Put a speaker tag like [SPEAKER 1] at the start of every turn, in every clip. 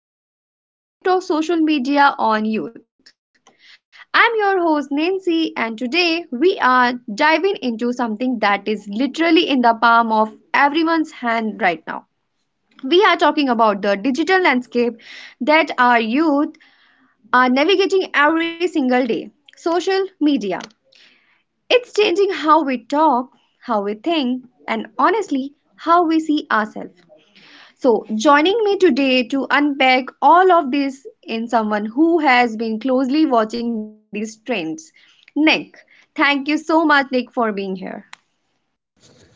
[SPEAKER 1] back to the show Effect of Social Media on Youth. I'm your host Nancy, and today we are diving into something that is literally in the palm of everyone's hand right now. We are talking about the digital landscape that our youth are navigating every single day social media. It's changing how we talk, how we think, and honestly, how we see ourselves. So, joining me today to unpack all of this in someone who has been closely watching these trends, Nick. Thank you so much, Nick, for being here.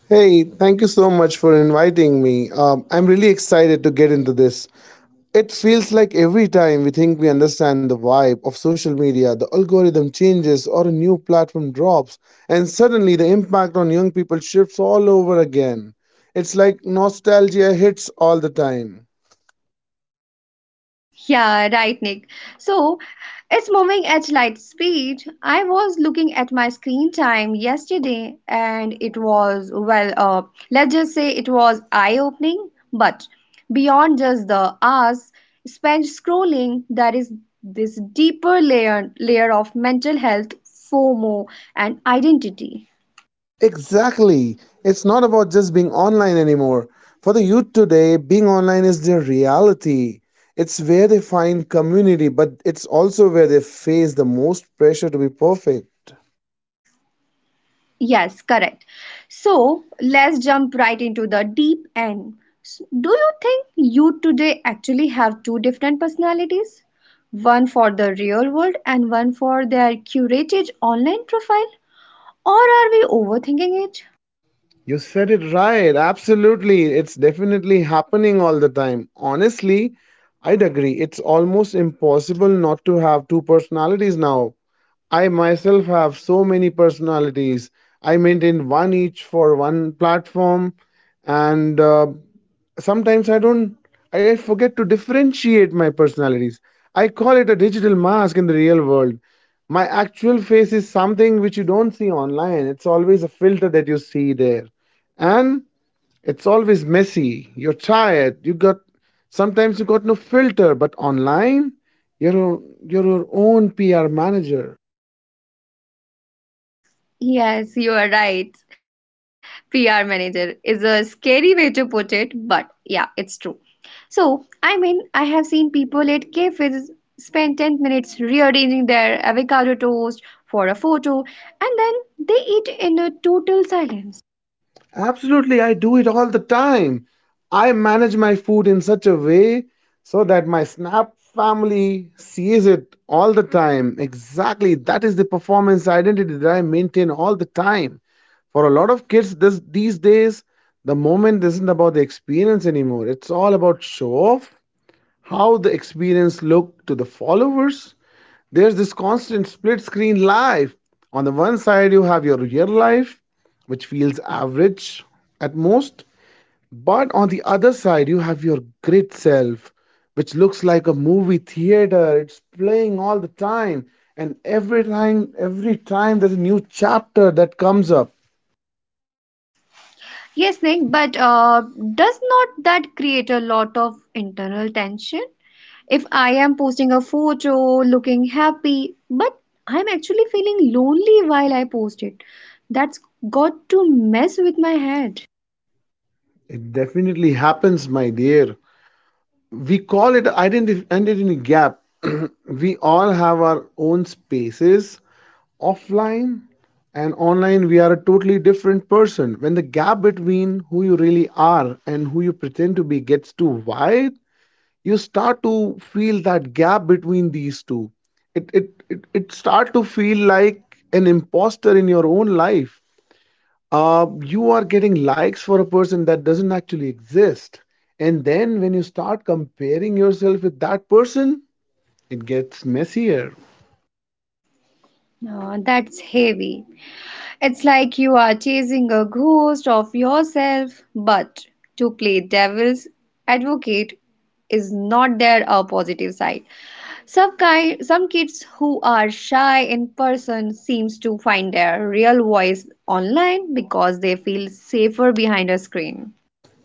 [SPEAKER 2] Hey, thank you so much for inviting me. I'm really excited to get into this. It feels like every time we think we understand the vibe of social media, the algorithm changes or a new platform drops, and suddenly the impact on young people shifts all over again. It's like nostalgia hits all the time.
[SPEAKER 1] Yeah, right, Nick. So it's moving at light speed. I was looking at my screen time yesterday and it was, well, let's just say it was eye-opening. But beyond just the hours spent scrolling, there is this deeper layer of mental health, FOMO, and identity.
[SPEAKER 2] Exactly. It's not about just being online anymore. For the youth today, being online is their reality. It's where they find community, but it's also where they face the most pressure to be perfect.
[SPEAKER 1] Yes, correct. So let's jump right into the deep end. Do you think you today actually have two different personalities? One for the real world and one for their curated online profile? Or are we overthinking it?
[SPEAKER 2] You said it right. Absolutely. It's definitely happening all the time. Honestly, I'd agree. It's almost impossible not to have two personalities now. I myself have so many personalities. I maintain one each for one platform, and sometimes I don't. I forget to differentiate my personalities. I call it a digital mask in the real world. My actual face is something which you don't see online. It's always a filter that you see there, and it's always messy. You're tired. You got sometimes you got no filter, but online, you're your you're your own PR manager.
[SPEAKER 1] Yes, you are right. PR manager is a scary way to put it, but yeah, it's true. So, I mean, I have seen people at cafes spend 10 minutes rearranging their avocado toast for a photo and then they eat in a total silence.
[SPEAKER 2] Absolutely, I do it all the time. I manage my food in such a way so that my Snap family sees it all the time. Exactly, that is the performance identity that I maintain all the time. For a lot of kids these days, the moment isn't about the experience anymore. It's all about show off, how the experience looked to the followers. There's this constant split screen life. On the one side, you have your real life, which feels average at most. But on the other side, you have your grid self, which looks like a movie theater. It's playing all the time. And every time there's a new chapter that comes up.
[SPEAKER 1] Yes, Nick, but does not that create a lot of internal tension? If I am posting a photo looking happy, but I'm actually feeling lonely while I post it, that's got to mess with my head.
[SPEAKER 2] It definitely happens, my dear. We call it identity gap. We all have our own spaces. Offline and online, we are a totally different person. When the gap between who you really are and who you pretend to be gets too wide, you start to feel that gap between these two. It start to feel like an imposter in your own life. You are getting likes for a person that doesn't actually exist. And then when you start comparing yourself with that person, it gets messier.
[SPEAKER 1] That's heavy. It's like you are chasing a ghost of yourself, but to play devil's advocate, is not there a positive side some kids who are shy in person seems to find their real voice online because they feel safer behind a screen.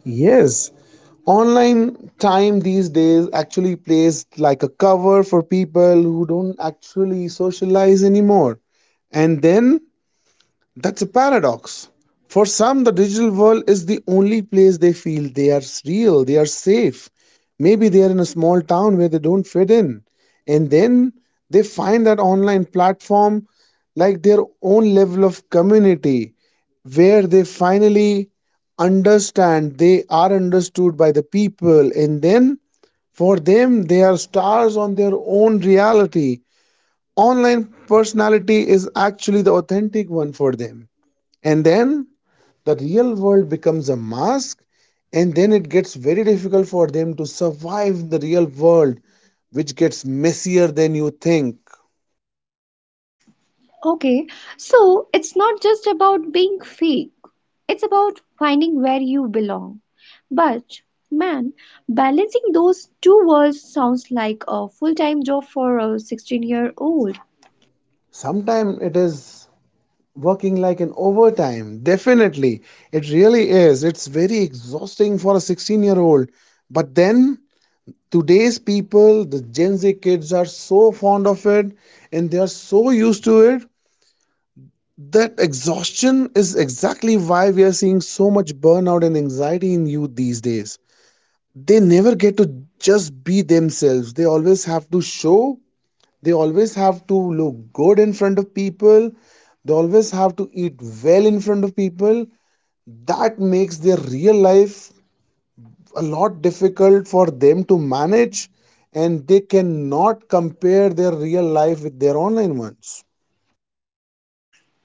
[SPEAKER 2] Yes. Online time these days actually plays like a cover for people who don't actually socialize anymore. And then that's a paradox. For some, the digital world is the only place they feel they are real, they are safe. Maybe they are in a small town where they don't fit in. And then they find that online platform like their own level of community where they finally understand they are understood by the people, and then for them they are stars on their own reality. Online personality is actually the authentic one for them, and then the real world becomes a mask, and then it gets very difficult for them to survive the real world, which gets messier than you think.
[SPEAKER 1] Okay, so it's not just about being fake, it's about finding where you belong. But man, balancing those two worlds sounds like a full time job for a 16-year-old.
[SPEAKER 2] Sometimes it is working like an overtime, definitely. It really is. It's very exhausting for a 16-year-old. But then today's people, the Gen Z kids, are so fond of it and they are so used to it that exhaustion is exactly why we are seeing so much burnout and anxiety in youth these days. They never get to just be themselves. They always have to show, they always have to look good in front of people, they always have to eat well in front of people. That makes their real life a lot difficult for them to manage, and they cannot compare their real life with their online ones.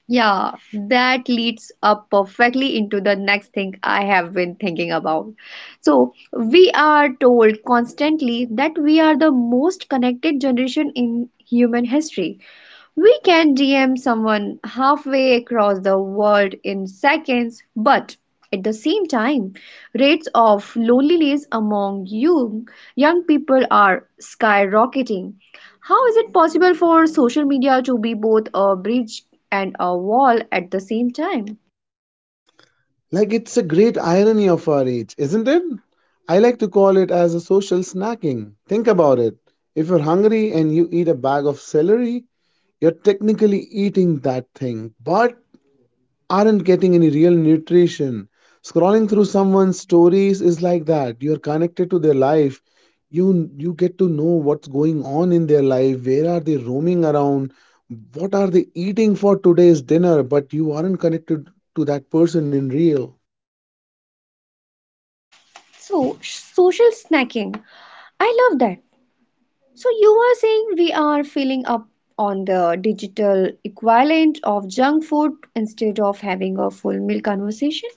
[SPEAKER 1] Yeah, that leads up perfectly into the next thing I have been thinking about. So, we are told constantly that we are the most connected generation in human history. We can DM someone halfway across the world in seconds, but at the same time, rates of loneliness among young people are skyrocketing. How is it possible for social media to be both a bridge and a wall at the same time?
[SPEAKER 2] Like it's a great irony of our age, isn't it? I like to call it as a social snacking. Think about it. If you're hungry and you eat a bag of celery, you're technically eating that thing, but aren't getting any real nutrition. Scrolling through someone's stories is like that. You're connected to their life. You get to know what's going on in their life, where are they roaming around, what are they eating for today's dinner, but you aren't connected to that person in real.
[SPEAKER 1] So, social snacking. I love that. So you were saying we are filling up on the digital equivalent of junk food instead of having a full meal conversation?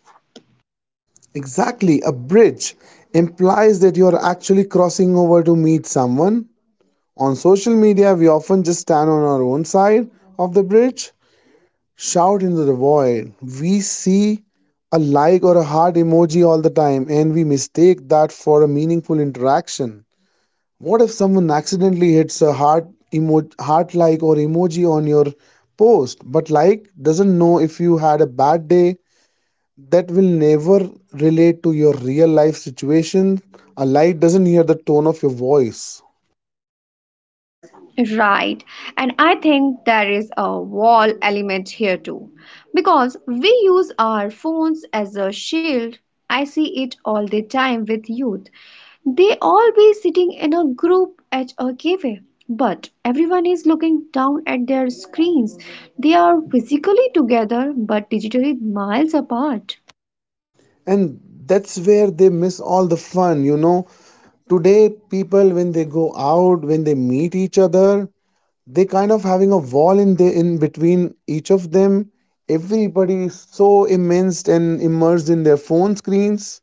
[SPEAKER 2] Exactly, a bridge implies that you are actually crossing over to meet someone. On social media, we often just stand on our own side of the bridge, shout into the void. We see a like or a heart emoji all the time, and we mistake that for a meaningful interaction. What if someone accidentally hits a heart like or emoji on your post but like doesn't know if you had a bad day? That will never relate to your real life situation. A light doesn't hear the tone of your voice.
[SPEAKER 1] Right. And I think there is a wall element here too. Because we use our phones as a shield. I see it all the time with youth. They all be sitting in a group at a cafe, but everyone is looking down at their screens. They are physically together but digitally miles apart.
[SPEAKER 2] And that's where they miss all the fun, you know. Today, people, when they go out, when they meet each other, they kind of having a wall in between each of them. Everybody is so immersed in their phone screens.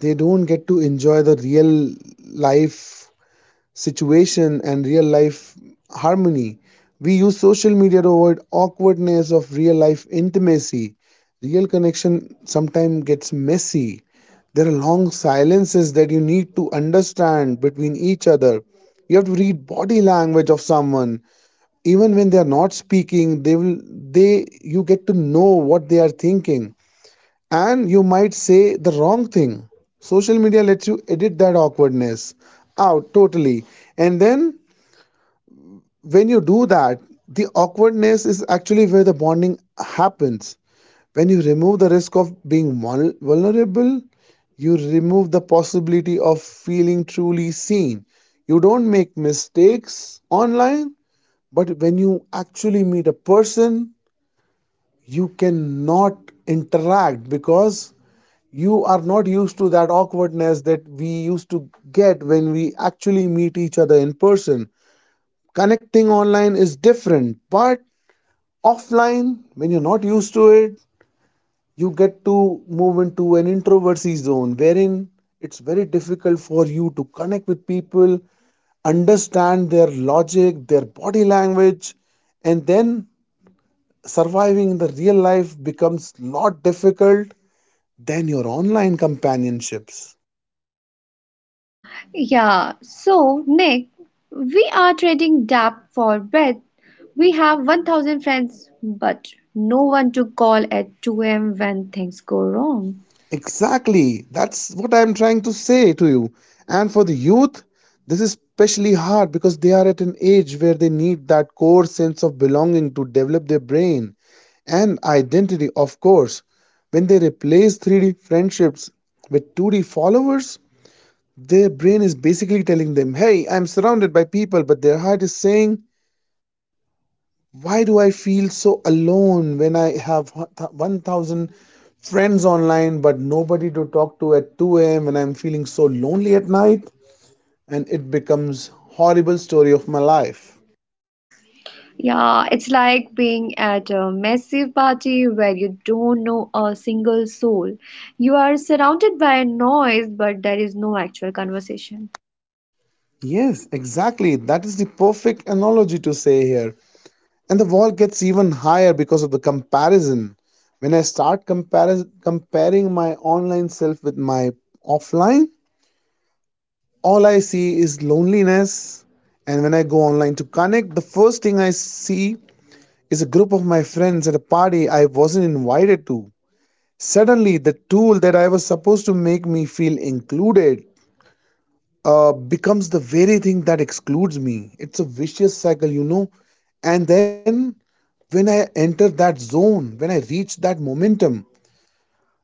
[SPEAKER 2] They don't get to enjoy the real life situation and real life harmony. We use social media to avoid awkwardness of real life intimacy. Real connection sometimes gets messy. There are long silences that you need to understand between each other. You have to read body language of someone. Even when they are not speaking, they will they you get to know what they are thinking, and you might say the wrong thing. Social media lets you edit that awkwardness out totally. And then when you do that, the awkwardness is actually where the bonding happens. When you remove the risk of being vulnerable, you remove the possibility of feeling truly seen. You don't make mistakes online, but when you actually meet a person, you cannot interact because you are not used to that awkwardness that we used to get when we actually meet each other in person. Connecting online is different, but offline, when you're not used to it, you get to move into an introvertsy zone wherein it's very difficult for you to connect with people, understand their logic, their body language, and then surviving in the real life becomes a lot difficult than your online companionships.
[SPEAKER 1] Yeah, so Nick, we are trading depth for breadth. We have 1000 friends, but no one to call at 2 a.m. when things go wrong.
[SPEAKER 2] Exactly. That's what I'm trying to say to you. And for the youth, this is especially hard because they are at an age where they need that core sense of belonging to develop their brain and identity, of course. When they replace 3D friendships with 2D followers, their brain is basically telling them, hey, I'm surrounded by people, but their heart is saying, why do I feel so alone when I have 1,000 friends online but nobody to talk to at 2 a.m. when I'm feeling so lonely at night, and it becomes horrible story of my life.
[SPEAKER 1] Yeah, it's like being at a massive party where you don't know a single soul. You are surrounded by noise, but there is no actual conversation.
[SPEAKER 2] Yes, exactly. That is the perfect analogy to say here. And the wall gets even higher because of the comparison. When I start comparing my online self with my offline, all I see is loneliness. And when I go online to connect, the first thing I see is a group of my friends at a party I wasn't invited to. Suddenly, the tool that I was supposed to make me feel included becomes the very thing that excludes me. It's a vicious cycle, you know. And then when I enter that zone, when I reach that momentum,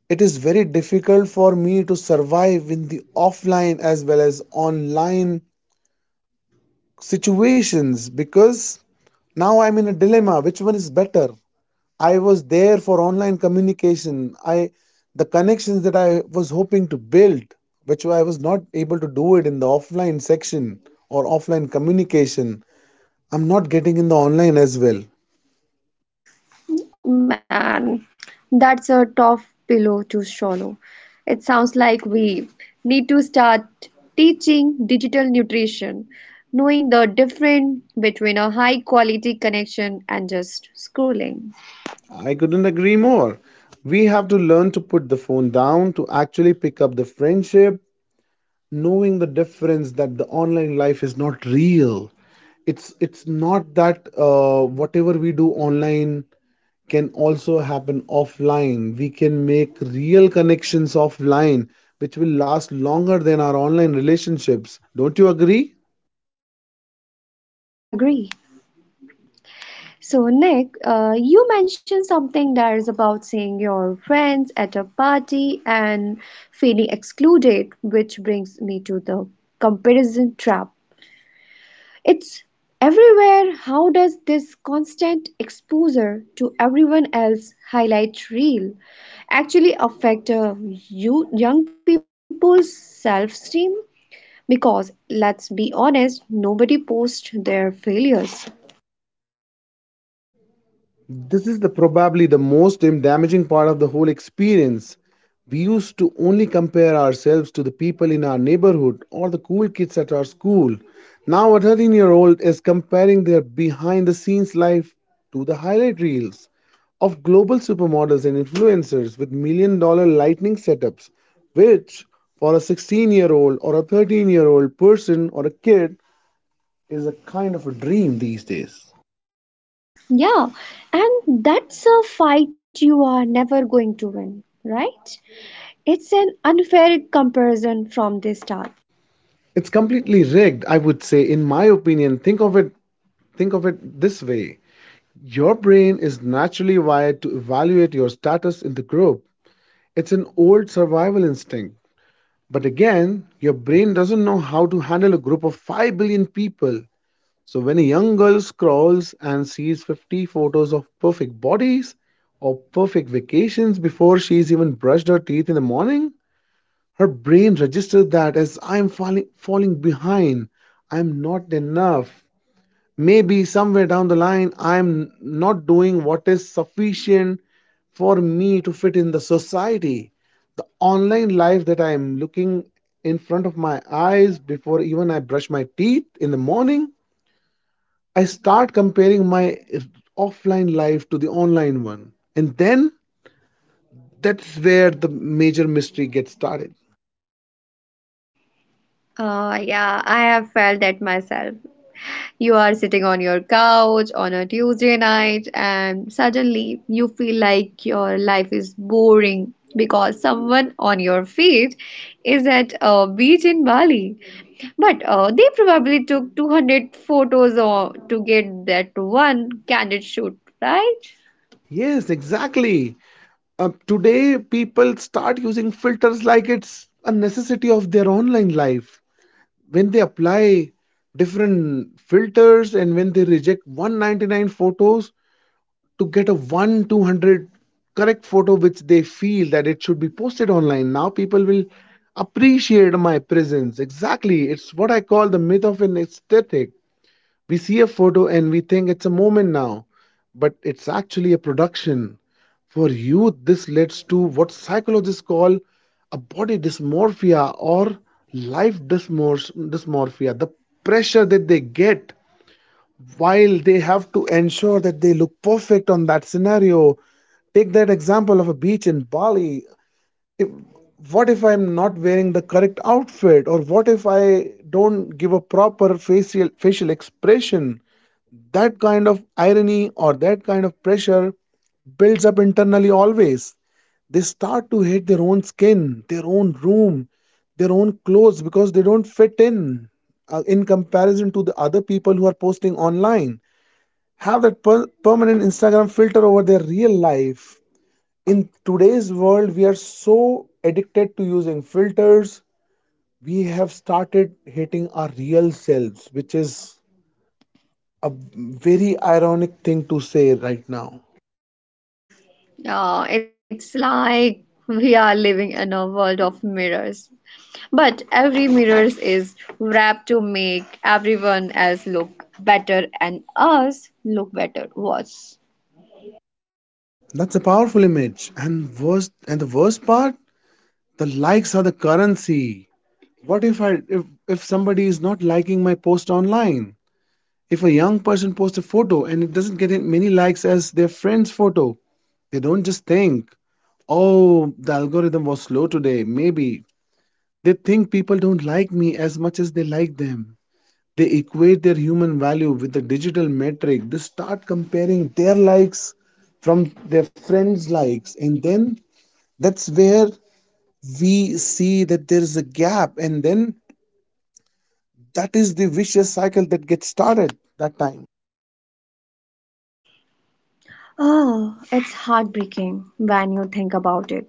[SPEAKER 2] it is very difficult for me to survive in the offline as well as online situations because now I'm in a dilemma which one is better. I was there for online communication. I the connections that I was hoping to build, which I was not able to do it in the offline section or offline communication, I'm not getting in the online as well.
[SPEAKER 1] Man, that's a tough pillow to swallow. It sounds like we need to start teaching digital nutrition, knowing the difference between a high quality connection and just scrolling.
[SPEAKER 2] I couldn't agree more. We have to learn to put the phone down to actually pick up the friendship, knowing the difference that the online life is not real. It's not that whatever we do online can also happen offline. We can make real connections offline which will last longer than our online relationships, don't you agree?
[SPEAKER 1] Of course, I agree. So, Nick, you mentioned something that is about seeing your friends at a party and feeling excluded, which brings me to the comparison trap. It's everywhere. How does this constant exposure to everyone else highlight reel actually affect you young people's self-esteem? Because let's be honest, nobody posts their failures.
[SPEAKER 2] This is the probably the most damaging part of the whole experience. We used to only compare ourselves to the people in our neighborhood or the cool kids at our school. Now a 13-year-old is comparing their behind-the-scenes life to the highlight reels of global supermodels and influencers with million-dollar lightning setups, which for a 16-year-old or a 13-year-old person or a kid is a kind of a dream these days.
[SPEAKER 1] Yeah, and that's a fight you are never going to win, right? It's an unfair comparison from the start.
[SPEAKER 2] It's completely rigged, I would say, in my opinion. Think of it this way. Your brain is naturally wired to evaluate your status in the group. It's an old survival instinct. But again, your brain doesn't know how to handle a group of 5 billion people. So when a young girl scrolls and sees 50 photos of perfect bodies or perfect vacations before she's even brushed her teeth in the morning, her brain registers that as I'm falling behind, I'm not enough. Maybe somewhere down the line, I'm not doing what is sufficient for me to fit in the society. The online life that I'm looking in front of my eyes before even I brush my teeth in the morning, I start comparing my offline life to the online one. And then that's where the major mystery gets started.
[SPEAKER 1] Yeah, I have felt that myself. You are sitting on your couch on a Tuesday night, and suddenly you feel like your life is boring because someone on your feed is at a beach in Bali. But they probably took 200 photos or to get that one candid shoot, right?
[SPEAKER 2] Yes, exactly. Today, people start using filters like it's a necessity of their online life. When they apply different filters and when they reject 199 photos to get a 1 200 correct photo which they feel that it should be posted online, now people will appreciate my presence. Exactly. It's what I call the myth of an aesthetic. We see a photo and we think it's a moment now, but it's actually a production. For youth, this leads to what psychologists call a body dysmorphia or life dysmorphia, the pressure that they get while they have to ensure that they look perfect on that scenario. Take that example of a beach in Bali. If, what if I'm not wearing the correct outfit, or what if I don't give a proper facial expression? That kind of irony or that kind of pressure builds up internally always. They start to hate their own skin, their own room, their own clothes because they don't fit in comparison to the other people who are posting online. Have that permanent Instagram filter over their real life. In today's world, we are so addicted to using filters, we have started hating our real selves, which is a very ironic thing to say right now.
[SPEAKER 1] It's like we are living in a world of mirrors. But every mirror is wrapped to make everyone else look better and us look better. Worse.
[SPEAKER 2] That's a powerful image. And worst and the worst part, the likes are the currency. What if I if somebody is not liking my post online? If a young person posts a photo and it doesn't get many likes as their friend's photo, they don't just think, oh, the algorithm was slow today, maybe. They think people don't like me as much as they like them. They equate their human value with the digital metric. They start comparing their likes from their friends' likes, and then that's where we see that there is a gap, and then that is the vicious cycle that gets started that time.
[SPEAKER 1] Oh, it's heartbreaking when you think about it.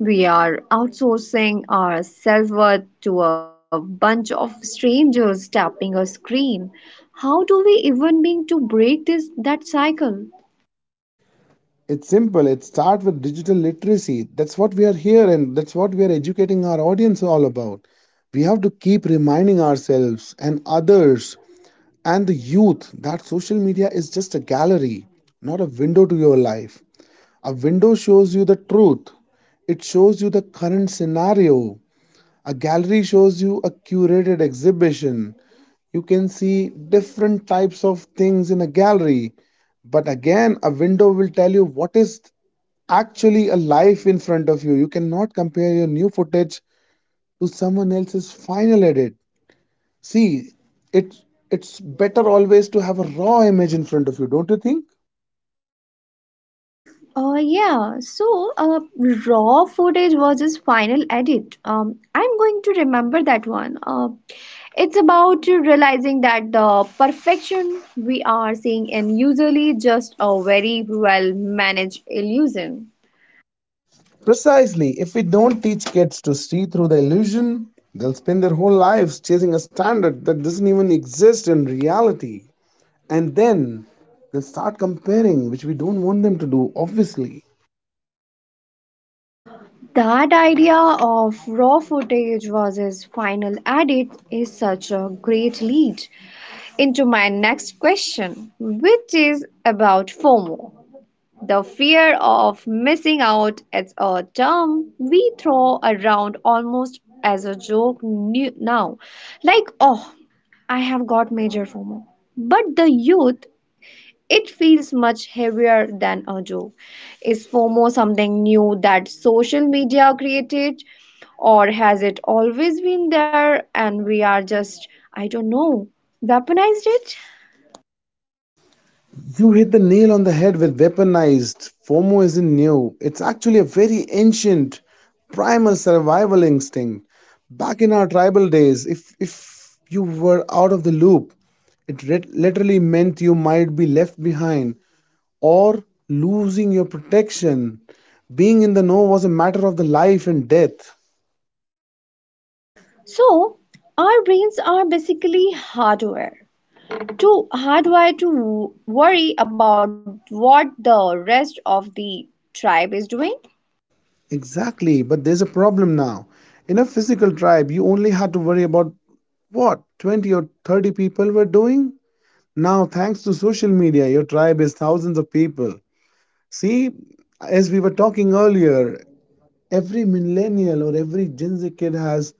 [SPEAKER 1] We are outsourcing our self-worth to a bunch of strangers tapping a screen. How do we even begin to break this that cycle?
[SPEAKER 2] It's simple. It starts with digital literacy. That's what we are here, and that's what we are educating our audience all about. We have to keep reminding ourselves and others and the youth that social media is just a gallery, not a window to your life. A window shows you the truth, it shows you the current scenario. A gallery shows you a curated exhibition. You can see different types of things in a gallery. But again, a window will tell you what is actually a life in front of you. You cannot compare your new footage to someone else's final edit. See, it's it's better always to have a raw image in front of you, don't you think?
[SPEAKER 1] Uh, yeah, so uh, raw footage versus final edit. I'm going to remember that one. It's about realizing that the perfection we are seeing in usually just a very well managed illusion.
[SPEAKER 2] Precisely. If we don't teach kids to see through the illusion, they'll spend their whole lives chasing a standard that doesn't even exist in reality. And then they'll start comparing, which we don't want them to do, obviously.
[SPEAKER 1] That idea of raw footage versus final edit is such a great lead into my next question, which is about FOMO. The fear of missing out is a term we throw around almost as a joke now. Like, oh, I have got major FOMO. But the youth, it feels much heavier than a joke. Is FOMO something new that social media created, or has it always been there and we are just, I don't know, weaponized it?
[SPEAKER 2] You hit the nail on the head with weaponized. FOMO isn't new. It's actually a very ancient primal survival instinct. Back in our tribal days, if you were out of the loop, it literally meant you might be left behind or losing your protection. Being in the know was a matter of the life and death.
[SPEAKER 1] So, our brains are basically hardware. Too hardwired to worry about what the rest of the tribe is doing.
[SPEAKER 2] Exactly, but there's a problem now. In a physical tribe, you only had to worry about what 20 or 30 people were doing. Now, thanks to social media, your tribe is thousands of people. See, as we were talking earlier, every millennial or every Gen Z kid has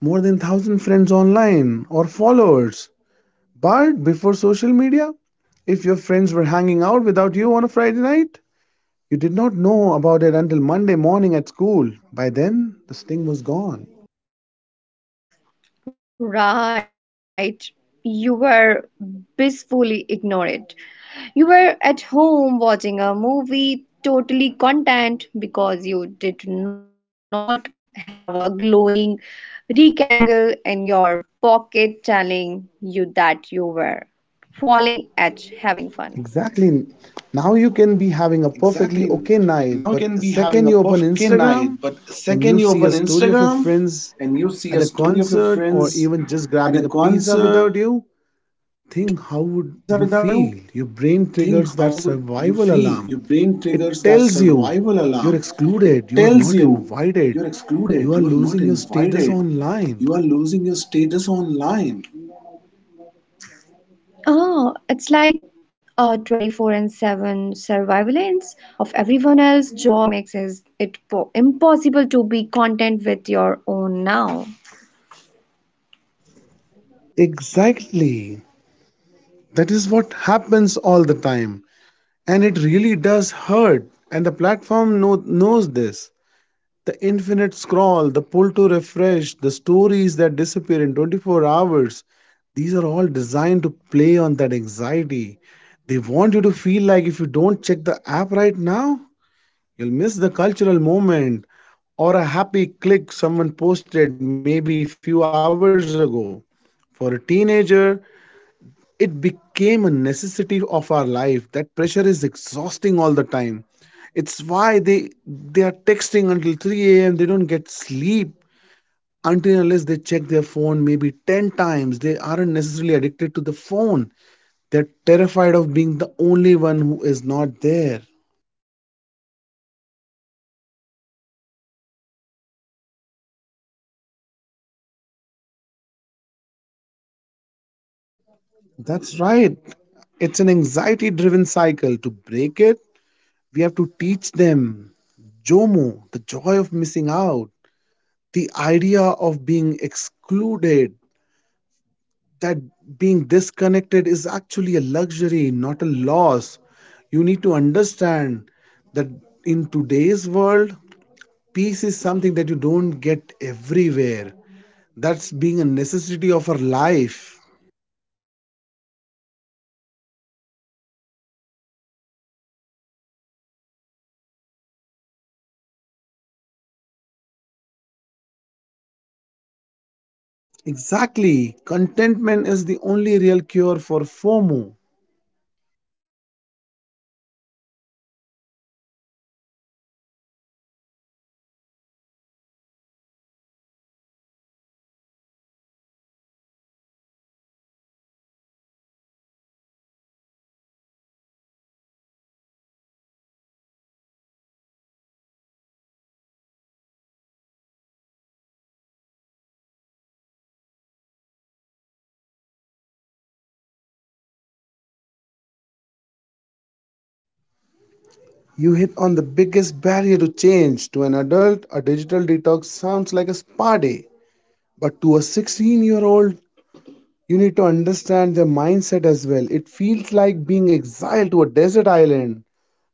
[SPEAKER 2] more than 1,000 friends online or followers. But before social media, if your friends were hanging out without you on a Friday night, you did not know about it until Monday morning at school. By then, the sting was gone.
[SPEAKER 1] Right. You were blissfully ignorant. You were at home watching a movie, totally content because you did not have a glowing rectangle in your pocket telling you that you were falling at having fun.
[SPEAKER 2] Exactly. Now you can be having a perfectly okay night, but second you open Instagram and you see a story of your friends at a concert or even just grabbing a pizza without you, think how would you feel? Your brain triggers that survival alarm. It tells you you're excluded, you are not invited, you are losing your status online.
[SPEAKER 1] Oh, it's like 24/7 surveillance of everyone else's joy. It makes impossible to be content with your own now.
[SPEAKER 2] Exactly. That is what happens all the time. And it really does hurt. And the knows this. The infinite scroll, the pull to refresh, the stories that disappear in 24 hours, these are all designed to play on that anxiety. They want you to feel like if you don't check the app right now, you'll miss the cultural moment or a happy click someone posted maybe a few hours ago. For a teenager, it became a necessity of our life. That pressure is exhausting all the time. It's why they are texting until 3 a.m. They don't get sleep until and unless they check their phone maybe 10 times. They aren't necessarily addicted to the phone, they're terrified of being the only one who is not there.
[SPEAKER 1] Yeah, Nick, it's not just kids being on their phones. It's kids trying to stay safe in their social circles.
[SPEAKER 2] That's right. It's an anxiety driven cycle. To break it, we have to teach them jomo, the joy of missing out, the idea of being excluded, that being disconnected is actually a luxury, not a loss. You need to understand that in today's world, peace is something that you don't get everywhere. That's being a necessity of our life.
[SPEAKER 1] Jomo, I like that. Turning the fear into a choice, it's about realizing that you don't need to be any everywhere to be someone.
[SPEAKER 2] Exactly. Contentment is the only real cure for FOMO.
[SPEAKER 1] Oh, that idea of Jomo is a great goal, but getting there is tough when you are already exhausted. It feels like we are seeing a massive rise in digital burnout. We always talk about digital detoxing, but let's be real. Is it actually realistic for a young person today to step away? Or is that basically social suicide in their world?
[SPEAKER 2] You hit on the biggest barrier to change. To an adult, a digital detox sounds like a spa day. But to a 16-year-old, you need to understand their mindset as well. It feels like being exiled to a desert island.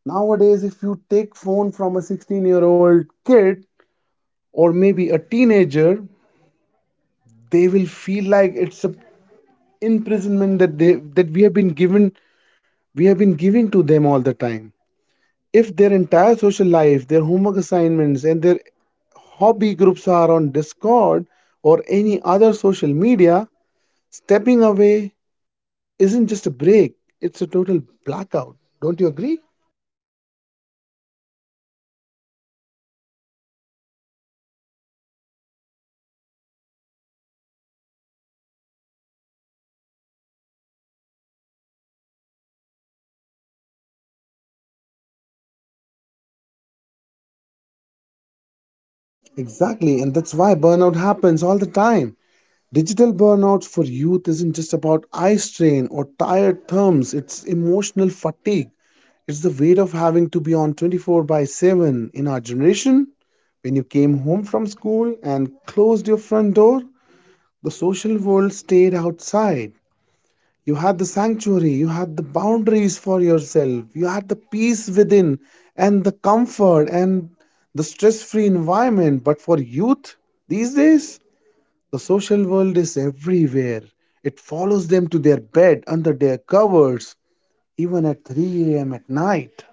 [SPEAKER 2] Nowadays, if you take phone from a 16-year-old kid or maybe a teenager, they will feel like it's a imprisonment that we have been given we have been giving to them all the time. If their entire social life, their homework assignments, and their hobby groups are on Discord or any other social media, stepping away isn't just a break, it's a total blackout. Don't you agree?
[SPEAKER 1] Of course, I agree. It's not like they can just go back to world where and everyone is hanging out at the mall. If everyone is hanging out in a group chat and you are not there, you effectively don't exist to the group for that day.
[SPEAKER 2] Exactly, and that's why burnout happens all the time. Digital burnout for youth isn't just about eye strain or tired thumbs, it's emotional fatigue. It's the weight of having to be on 24 by 7 in our generation. When you came home from school and closed your front door, the social world stayed outside. You had the sanctuary, you had the boundaries for yourself, you had the peace within and the comfort and the stress free environment. But for youth these days, the social world is everywhere. It follows them to their bed, under their covers, even at 3 a.m. at night.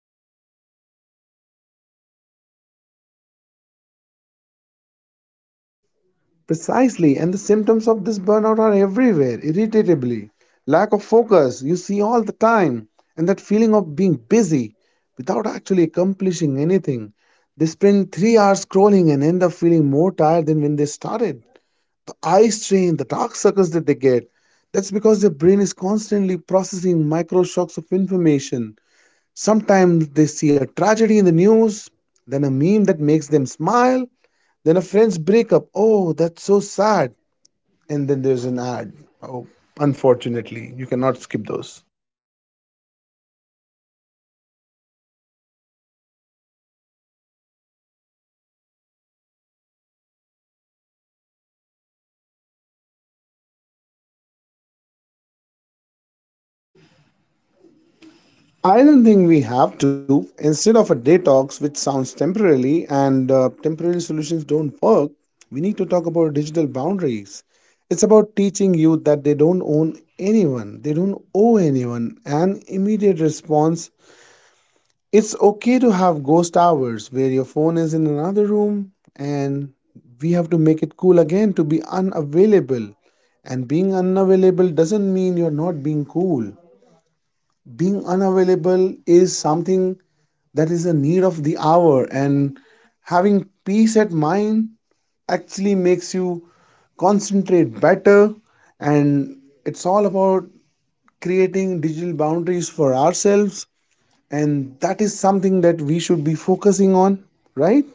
[SPEAKER 1] Mm, there is no off switch anymore. It's like being in a classroom that never ends.
[SPEAKER 2] Precisely, and the symptoms of this burnout are everywhere: irritability, lack of focus, you see all the time, and that feeling of being busy without actually accomplishing anything. They spend 3 hours scrolling and end up feeling more tired than when they started. The eye strain, the dark circles that they get, that's because their brain is constantly processing micro shocks of information. Sometimes they see a tragedy in the news, then a meme that makes them smile, then a friend's breakup. Oh, that's so sad, and then there's an ad.
[SPEAKER 1] There's an
[SPEAKER 2] Oh,
[SPEAKER 1] art.
[SPEAKER 2] unfortunately, you cannot skip those.
[SPEAKER 1] Oh, it's totally sensory overload. So, if a total detox is unrealistic, how do they manage it? Do we just accept the burnout as part of modern life?
[SPEAKER 2] I don't think we have to. Instead of a detox, which sounds temporarily and temporary solutions don't work, we need to talk about digital boundaries. It's about teaching youth that they don't owe anyone an immediate response. It's okay to have ghost hours where your phone is in another room, and we have to make it cool again to be unavailable. And being unavailable doesn't mean you're not being cool. Being unavailable is something that is a need of the hour, and having peace at mind actually makes you concentrate better, and it's all about creating digital boundaries for ourselves, and that is something that we should be focusing on, right?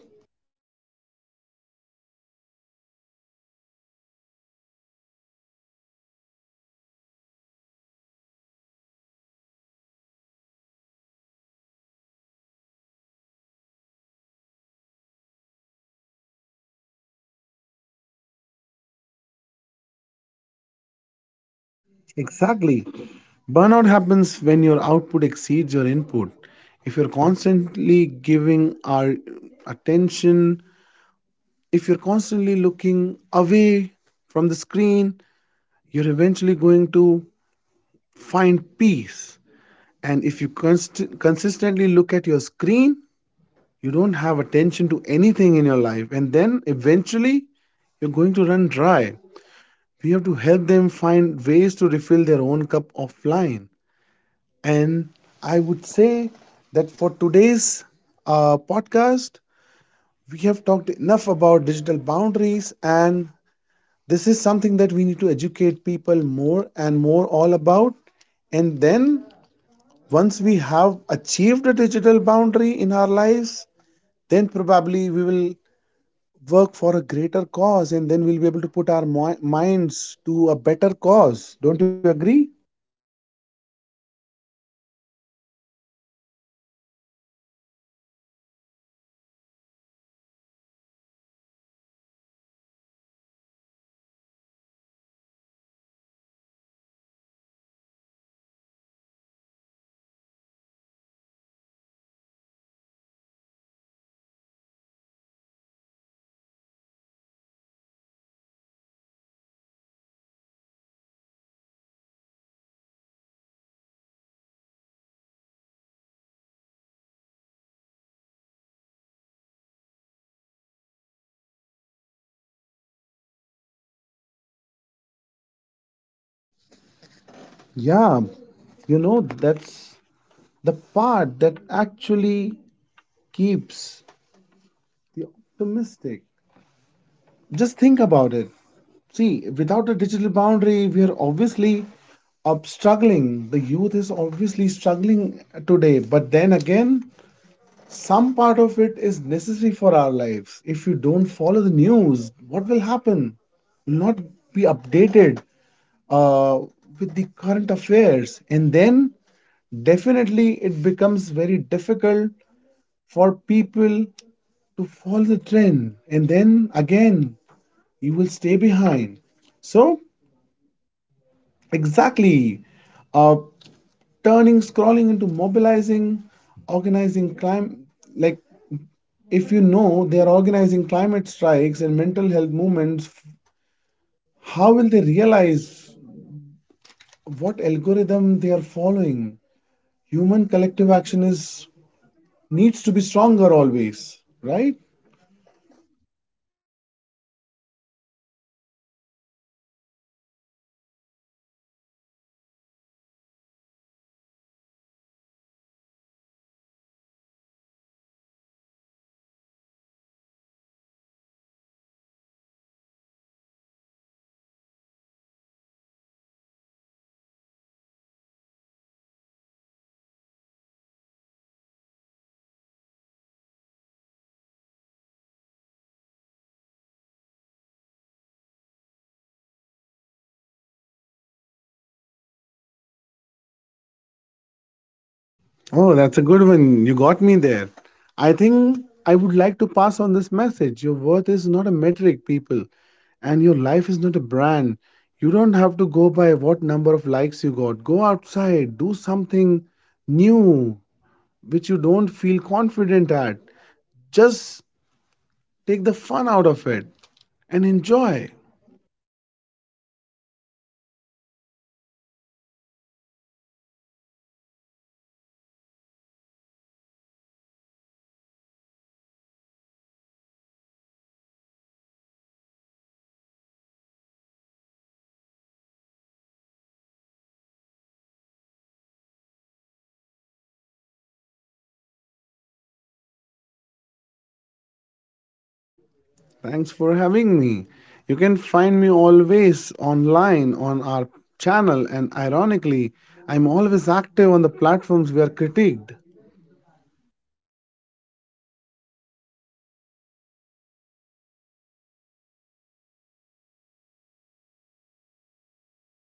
[SPEAKER 1] Yeah, right. Being unavailable, that's a radical concept in 2024. Oh, but you are right. If we don't teach them how to put the wall up, the digital world will just keep pouring and until there is nothing left of their private self.
[SPEAKER 2] Exactly. Burnout happens when your output exceeds your input. If you're constantly giving our attention, if you're constantly looking away from the screen, you're eventually going to find peace. And if you consistently look at your screen, you don't have attention to anything in your life. And then eventually, you're going to run dry. We have to help them find ways to refill their own cup offline. And I would say that for today's podcast, we have talked enough about digital boundaries, and this is something that we need to educate people more and more all about. And then, once we have achieved a digital boundary in our lives, then probably we will work for a greater cause, and then we'll be able to put our minds to a better cause. Don't you agree?
[SPEAKER 1] Yes, I agree. Of course, Nick. So, we have spent most of this hour talking about the dark side of the screen, the burnout, the bullying, the algorithm, and looks, it's heavy. But Nick, before I let you go, I want to flip the script. If social media is a fire, it can burn your house down, but it can also keep you warm. What is the silver lining here? How is this generation using these tools to actually do something better than we did?
[SPEAKER 2] Yeah, you know, that's the part that actually keeps the optimistic. Just think about it. See, without a digital boundary, we are obviously up struggling. The youth is obviously struggling today. But then again, some part of it is necessary for our lives. If you don't follow the news, what will happen? You'll not be updated uh, with the current affairs. And then definitely it becomes very difficult for people to follow the trend. And then again, you will stay behind. So, exactly, uh, turning scrolling into mobilizing, organizing crime, like if you know they are organizing climate strikes and mental health movements, how will they realize what algorithm they are following? Human collective action is needs to be stronger always, right?
[SPEAKER 1] Right, Nick, you are absolutely right. So, it's like the eternal internet is finally fulfilling an original promise of connecting the world, but in a much more grassroots way. So that is a perfect high note to end on. But before we officially wrap up, we have a traditional here. Nick, if you could send a single notification to every single year old phone right now, one sentence that they had to read, what would it say?
[SPEAKER 2] Oh, that's a good one. You got me there. I think I would like to pass on this message. Your worth is not a metric, people, and your life is not a brand. You don't have to go by what number of likes you got. Go outside, do something new, which you don't feel confident at. Just take the fun out of it
[SPEAKER 1] And
[SPEAKER 2] and enjoy.
[SPEAKER 1] enjoy. Yeah, do something you are bad at. I love that. We have spent so much time thinking about being perfect online that we forget how to be messy in real life. So, uh, thank you so much for being here, Nick. So, this conversation, where can our listeners find you and your work?
[SPEAKER 2] Thanks for having me. You can find me always online on our channel, and ironically, I'm always active on the platforms we are critiqued.
[SPEAKER 1] Of course, and to you also. So, the listeners, thank you for giving us your most valuable currency today.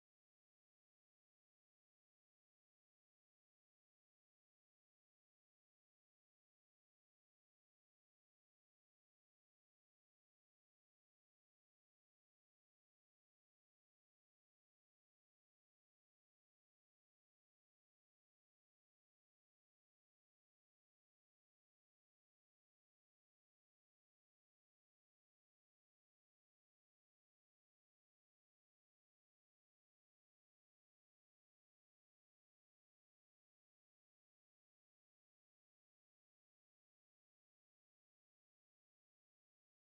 [SPEAKER 1] You, your attention. We know there are a million other things you could have scrolled through. So, the fact that you spend this time with us means the world. Before you go, I have a challenge for you. Take a screenshot of this episode, post it on your story, and tag us. But there is the catch. Don't use a single filter. Let's see that raw footage we talk about. So, I'm your host Nancy, and this has been our podcast. Stay messy, stay real, and we all catch you in the next episode. Bye bye, everyone. Thank you so much.